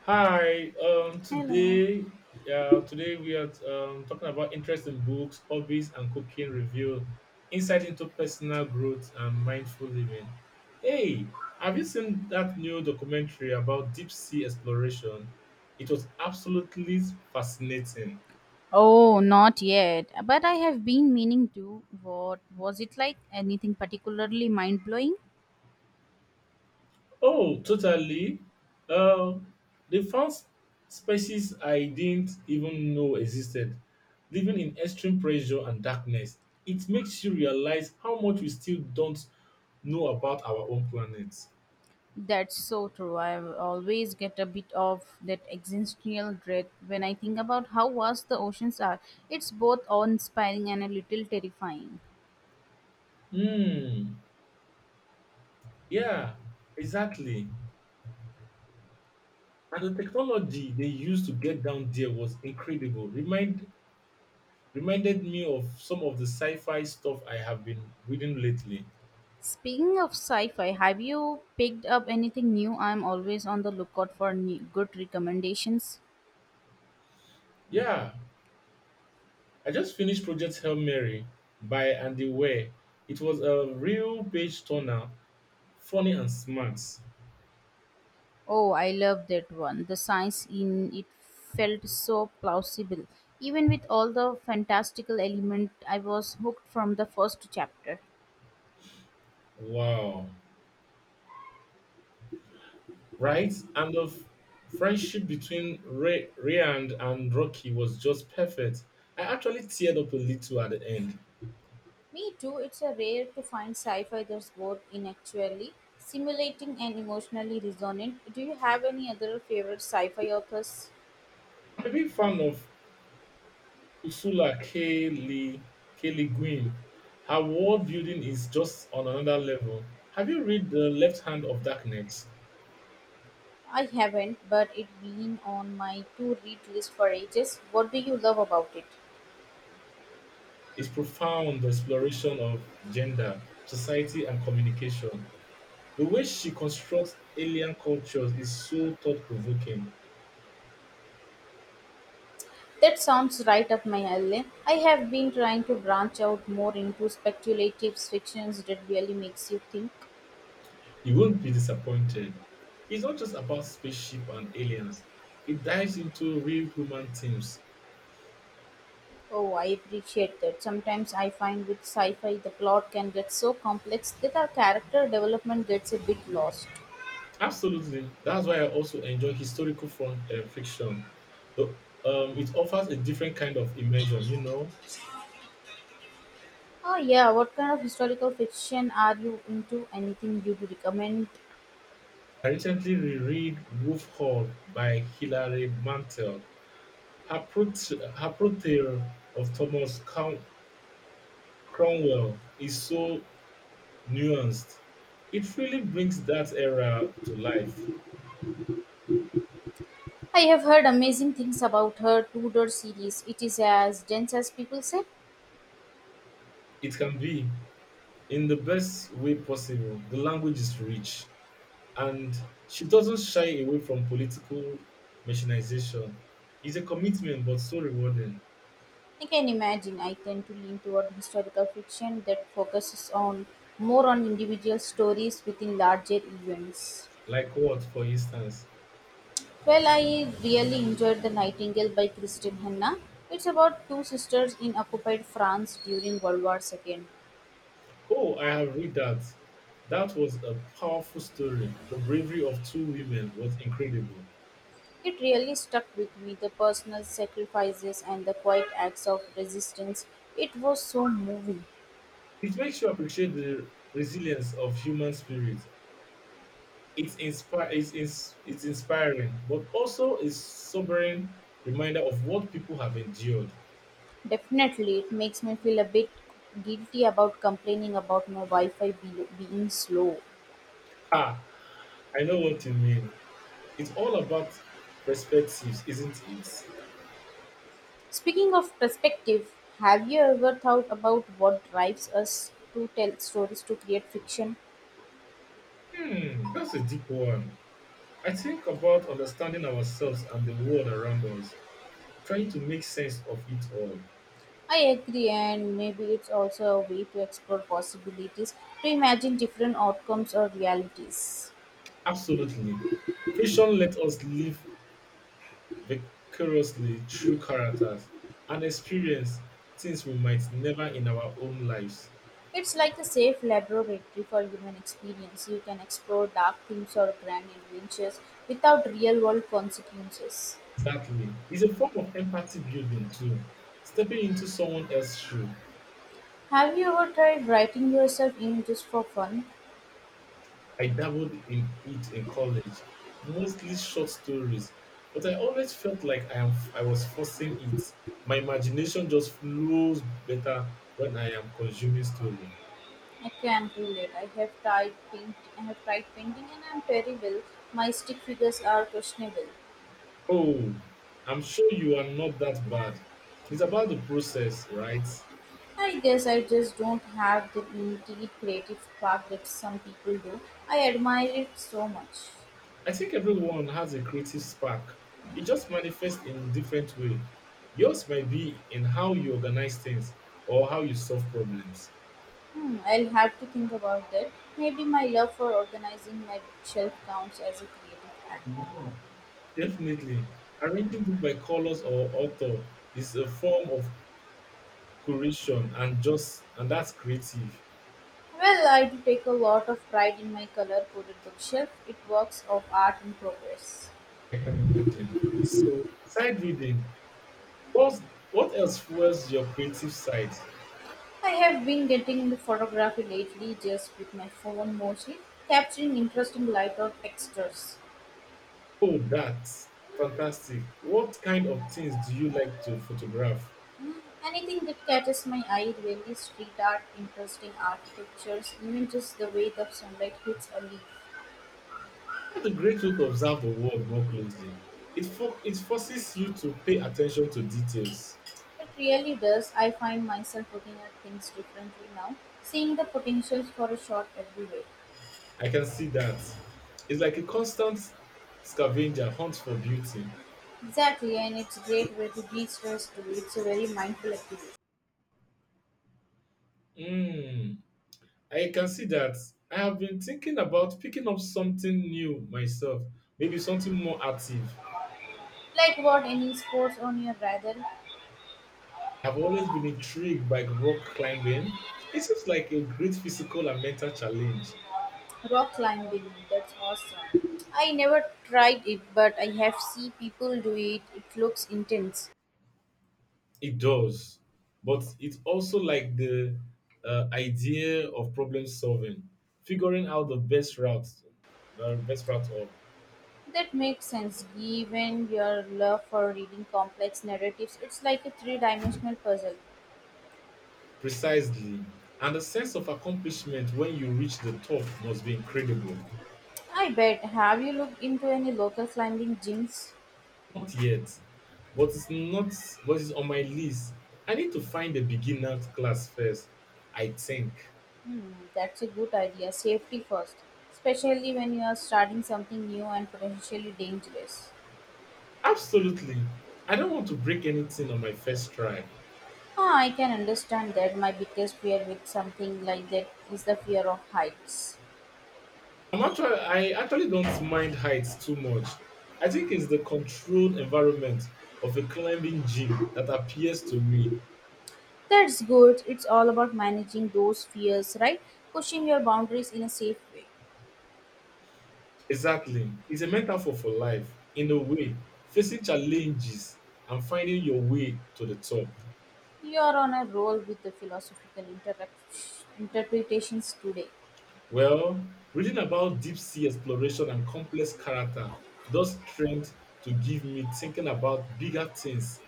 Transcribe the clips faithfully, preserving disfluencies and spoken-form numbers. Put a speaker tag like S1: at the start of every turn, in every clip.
S1: Hi. Um.
S2: Hello.
S1: Today, yeah. Today we are um, talking about interest in books, hobbies, and cooking. Review insight into personal growth and mindful living. Hey, have you seen that new documentary about deep sea exploration? It was absolutely fascinating.
S2: Oh, not yet, but I have been meaning to. What was it like? Anything particularly mind blowing?
S1: Oh, totally. Um, they found s- species I didn't even know existed, living in extreme pressure and darkness. It makes you realize how much we still don't know about our own planet.
S2: That's so true. I always get a bit of that existential dread when I think about how vast the oceans are. It's both awe inspiring and a little terrifying.
S1: Hmm. Yeah, exactly. And the technology they used to get down there was incredible. Remind reminded me of some of the sci-fi stuff I have been reading lately.
S2: Speaking of sci fi, have you picked up anything new? I'm always on the lookout for new, good recommendations.
S1: Yeah, I just finished Project Hail Mary by Andy Weir. It was a real page turner, funny and smart.
S2: Oh, I love that one. The science in it felt so plausible. Even with all the fantastical element, I was hooked from the first chapter.
S1: Wow. Right? And the f- friendship between Ray, Rayand and Rocky was just perfect. I actually teared up a little at the end.
S2: Me too. It's a rare to find sci fi that's both intellectually stimulating and emotionally resonant. Do you have any other favorite sci fi authors?
S1: I'm a big fan of Ursula K. Lee, K. Lee Guin. Her world building is just on another level. Have you read The Left Hand of Darkness?
S2: I haven't, but it has been on my to read list for ages. What do you love about it?
S1: His profound exploration of gender, society, and communication. The way she constructs alien cultures is so thought provoking.
S2: That sounds right up my alley. I have been trying to branch out more into speculative fictions that really makes you think.
S1: You won't be disappointed. It's not just about spaceship and aliens, it dives into real human themes.
S2: Oh, I appreciate that. Sometimes I find with sci-fi the plot can get so complex that our character development gets a bit lost.
S1: Absolutely. That's why I also enjoy historical front, uh, fiction. The, um, it offers a different kind of immersion, you know.
S2: Oh yeah, what kind of historical fiction are you into? Anything you would recommend?
S1: I recently reread Wolf Hall by Hilary Mantel. Her, prot- Her portrayal of Thomas Crown- Cromwell is so nuanced. It really brings that era to life.
S2: I have heard amazing things about her Tudor series. It is as dense as people say.
S1: It can be, in the best way possible. The language is rich, and she doesn't shy away from political machinization. It's a commitment, but so rewarding.
S2: I can imagine I tend to lean toward historical fiction that focuses on more on individual stories within larger events.
S1: Like what, for instance?
S2: Well, I really enjoyed The Nightingale by Christine Hanna. It's about two sisters in occupied France during World War two.
S1: Oh, I have read that. That was a powerful story. The bravery of two women was incredible.
S2: It really stuck with me the personal sacrifices and the quiet acts of resistance. It was so moving.
S1: It makes you appreciate the resilience of human spirit. It's, inspi- it's, ins- it's inspiring, but also a sobering reminder of what people have endured.
S2: Definitely, it makes me feel a bit guilty about complaining about my Wi Fi be- being slow.
S1: Ha! I know what you mean. It's all about perspectives, isn't it?
S2: Speaking of perspective, have you ever thought about what drives us to tell stories to create fiction?
S1: Hmm, that's a deep one. I think about understanding ourselves and the world around us, trying to make sense of it all.
S2: I agree, and maybe it's also a way to explore possibilities, to imagine different outcomes or realities.
S1: Absolutely. Fiction lets us live vicariously through characters and experience things we might never in our own lives.
S2: It's like a safe laboratory for human experience. You can explore dark themes or grand adventures without real world consequences.
S1: Exactly. It's a form of empathy building too. Stepping into someone else's shoe.
S2: Have you ever tried writing yourself in just for fun?
S1: I dabbled in it in college, mostly short stories, but I always felt like I am I was forcing it. My imagination just flows better when I am consuming story.
S2: I can relate. I have tried paint. I have tried painting, and I'm terrible. My stick figures are questionable.
S1: Oh, I'm sure you are not that bad. It's about the process, right?
S2: I guess I just don't have the innate creative spark that some people do. I admire it so much.
S1: I think everyone has a creative spark. It just manifests in different way. Yours might be in how you organize things or how you solve problems.
S2: Hmm, I'll have to think about that. Maybe my love for organizing my bookshelf counts as a creative act.
S1: Definitely, arranging book by colors or author is a form of curation, and just and that's creative.
S2: Well, I do take a lot of pride in my color-coded bookshelf. It works of art in progress.
S1: Imagine. So side reading. What what else fuels your creative side?
S2: I have been getting into photography lately, just with my phone mostly, capturing interesting light or textures.
S1: Oh, that's fantastic. What kind of things do you like to photograph?
S2: Mm, Anything that catches my eye, really, street art, interesting architectures, even just the way the sunlight hits a leaf.
S1: That's a great way to observe the world more closely. It, for, it forces you to pay attention to details.
S2: It really does. I find myself looking at things differently now, seeing the potentials for a shot everywhere.
S1: I can see that. It's like a constant scavenger hunt for beauty.
S2: Exactly, and it's a great way to de-stress too. It's a very mindful activity.
S1: Mm, I can see that. I have been thinking about picking up something new myself, maybe something more active.
S2: Like what? Any sports on your radar?
S1: I've always been intrigued by rock climbing. It seems like a great physical and mental challenge.
S2: Rock climbing, that's awesome. I never tried it, but I have seen people do it. It looks intense.
S1: It does, but it's also like the uh, idea of problem solving, figuring out the best route, the best route of
S2: That makes sense given your love for reading complex narratives. It's like a three dimensional puzzle.
S1: precisely, and the sense of accomplishment when you reach the top must be incredible.
S2: I bet. Have you looked into any local climbing gyms?
S1: Not yet, but it's not. But it's on my list. I need to find a beginner class first. I think
S2: Hmm, that's a good idea. Safety first, especially when you are starting something new and potentially dangerous.
S1: absolutely. I don't want to break anything on my first try.
S2: Ah, I can understand that. My biggest fear with something like that is the fear of heights.
S1: I'm actually, I actually don't mind heights too much. I think it's the controlled environment of a climbing gym that appears to me.
S2: That's good. It's all about managing those fears, right? Pushing your boundaries in a safe way.
S1: Exactly. It's a metaphor for life, in a way, facing challenges and finding your way to the top.
S2: You are on a roll with the philosophical inter- interpretations today.
S1: Well, reading about deep sea exploration and complex character does trend to give me thinking about bigger things.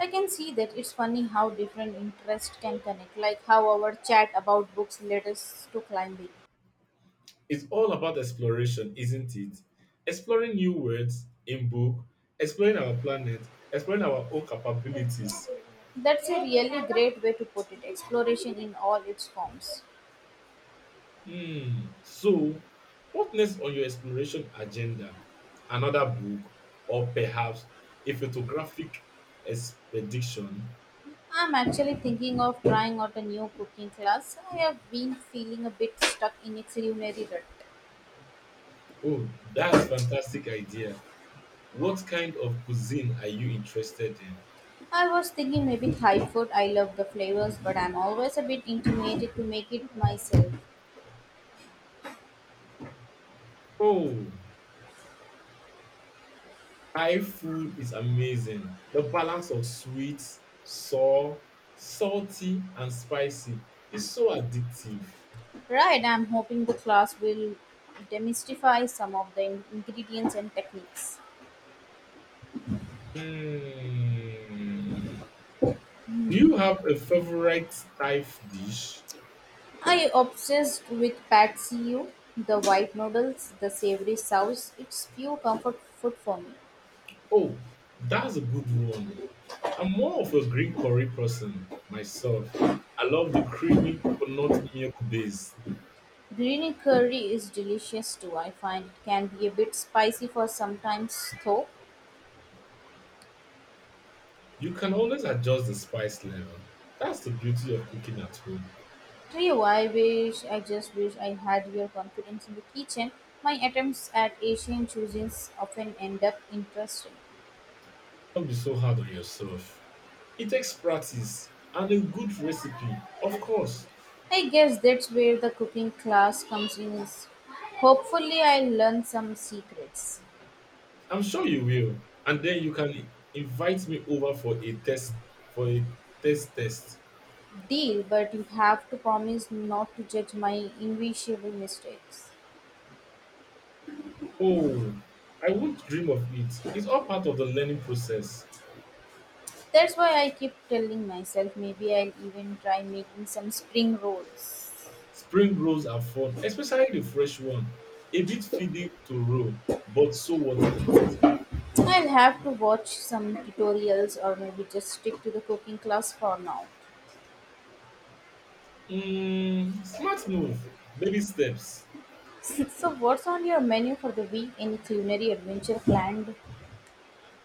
S2: I can see that. It's funny how different interests can connect, like how our chat about books led us to climbing.
S1: It's all about exploration, isn't it? Exploring new words in book, exploring our planet, exploring our own capabilities.
S2: That's a really great way to put it, exploration in all its forms.
S1: Hmm. So, what next on your exploration agenda? Another book, or perhaps a photographic expedition?
S2: I'm actually thinking of trying out a new cooking class. I have been feeling a bit stuck in a culinary rut.
S1: Oh, that's fantastic idea. What kind of cuisine are you interested in?
S2: I was thinking maybe Thai food. I love the flavors, but I'm always a bit intimidated to make it myself.
S1: Oh, Thai food is amazing. The balance of sweet, sour, salty, and spicy is so addictive.
S2: Right, I'm hoping the class will demystify some of the in- ingredients and techniques.
S1: Hmm. Do you have a favorite Thai dish?
S2: I obsessed with pad see ew, the white noodles, the savory sauce. It's pure comfort food for me.
S1: Oh, that's a good one. I'm more of a green curry person myself. I love the creamy coconut milk base.
S2: Green curry is delicious too. I find it can be a bit spicy for sometimes though.
S1: You can always adjust the spice level. That's the beauty of cooking at home.
S2: Gee, I wish, I just wish I had your confidence in the kitchen. My attempts at Asian cuisines often end up interesting.
S1: Don't be so hard on yourself. It takes practice and a good recipe, of course.
S2: I guess that's where the cooking class comes in. Is Hopefully I'll learn some secrets.
S1: I'm sure you will. And then you can invite me over for a test for a taste test.
S2: Deal, but you have to promise not to judge my invisible mistakes.
S1: Oh, I won't dream of it. It's all part of the learning process.
S2: That's why I keep telling myself maybe I'll even try making some spring rolls.
S1: Spring rolls are fun, especially the fresh one. A bit fiddly to roll, but so what it.
S2: I'll have to watch some tutorials or maybe just stick to the cooking class for now.
S1: Mm, smart move. Baby steps.
S2: So, what's on your menu for the week? Any culinary adventure planned?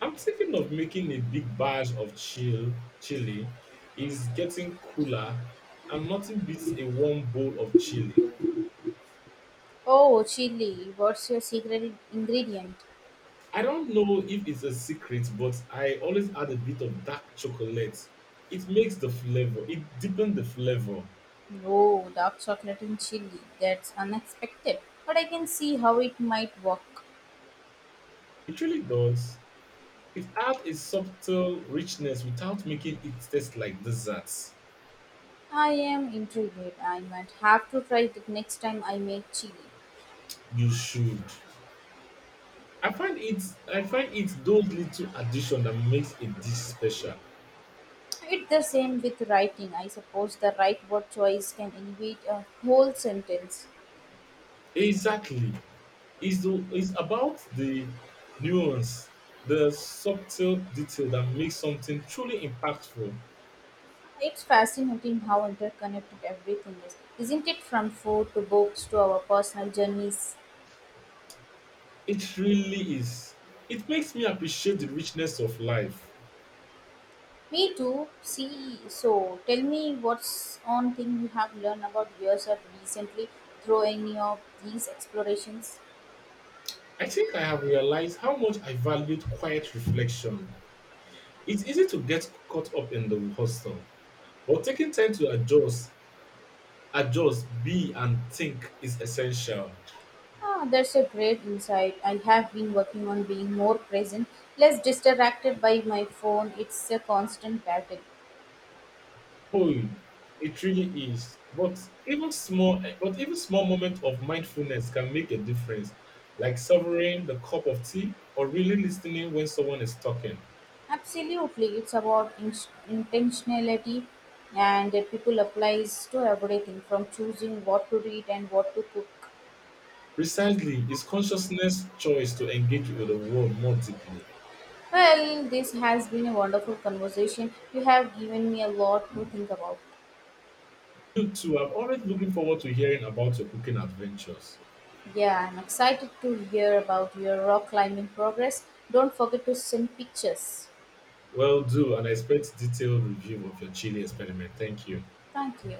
S1: I'm thinking of making a big batch of chill chili. It's getting cooler, and nothing beats a warm bowl of chili.
S2: Oh, chili. What's your secret ingredient?
S1: I don't know if it's a secret, but I always add a bit of dark chocolate. It makes the flavor. It deepens the flavor.
S2: Oh, dark chocolate and chili. That's unexpected, but I can see how it might work.
S1: It really does. It adds a subtle richness without making it taste like desserts.
S2: I am intrigued. I might have to try it next time I make chili.
S1: You should. I find it. I find it, those little addition that makes a dish special.
S2: It's the same with writing. I suppose the right word choice can elevate a whole sentence.
S1: Exactly. is the is about the nuance, the subtle detail that makes something truly impactful.
S2: It's fascinating how interconnected everything is, isn't it? From food to books to our personal journeys.
S1: It really is. It makes me appreciate the richness of life.
S2: Me too. See, so tell me, what's on thing you have learned about yourself recently through any of these explorations?
S1: I think I have realized how much I valued quiet reflection. It's easy to get caught up in the hustle, but taking time to adjust, adjust, be, and think is essential.
S2: Ah, that's a great insight. I have been working on being more present, less distracted by my phone. It's a constant battle.
S1: Oh, it really is. But even small, but even small moment of mindfulness can make a difference, like savoring the cup of tea or really listening when someone is talking.
S2: Absolutely, it's about in- intentionality, and that people applies to everything from choosing what to read and what to cook.
S1: Precisely, it's consciousness choice to engage with the world more deeply.
S2: Well, this has been a wonderful conversation. You have given me a lot to think about.
S1: You too, I'm always looking forward to hearing about your cooking adventures.
S2: Yeah, I'm excited to hear about your rock climbing progress. Don't forget to send pictures.
S1: Well, do and I expect detailed review of your chili experiment. Thank you.
S2: Thank you.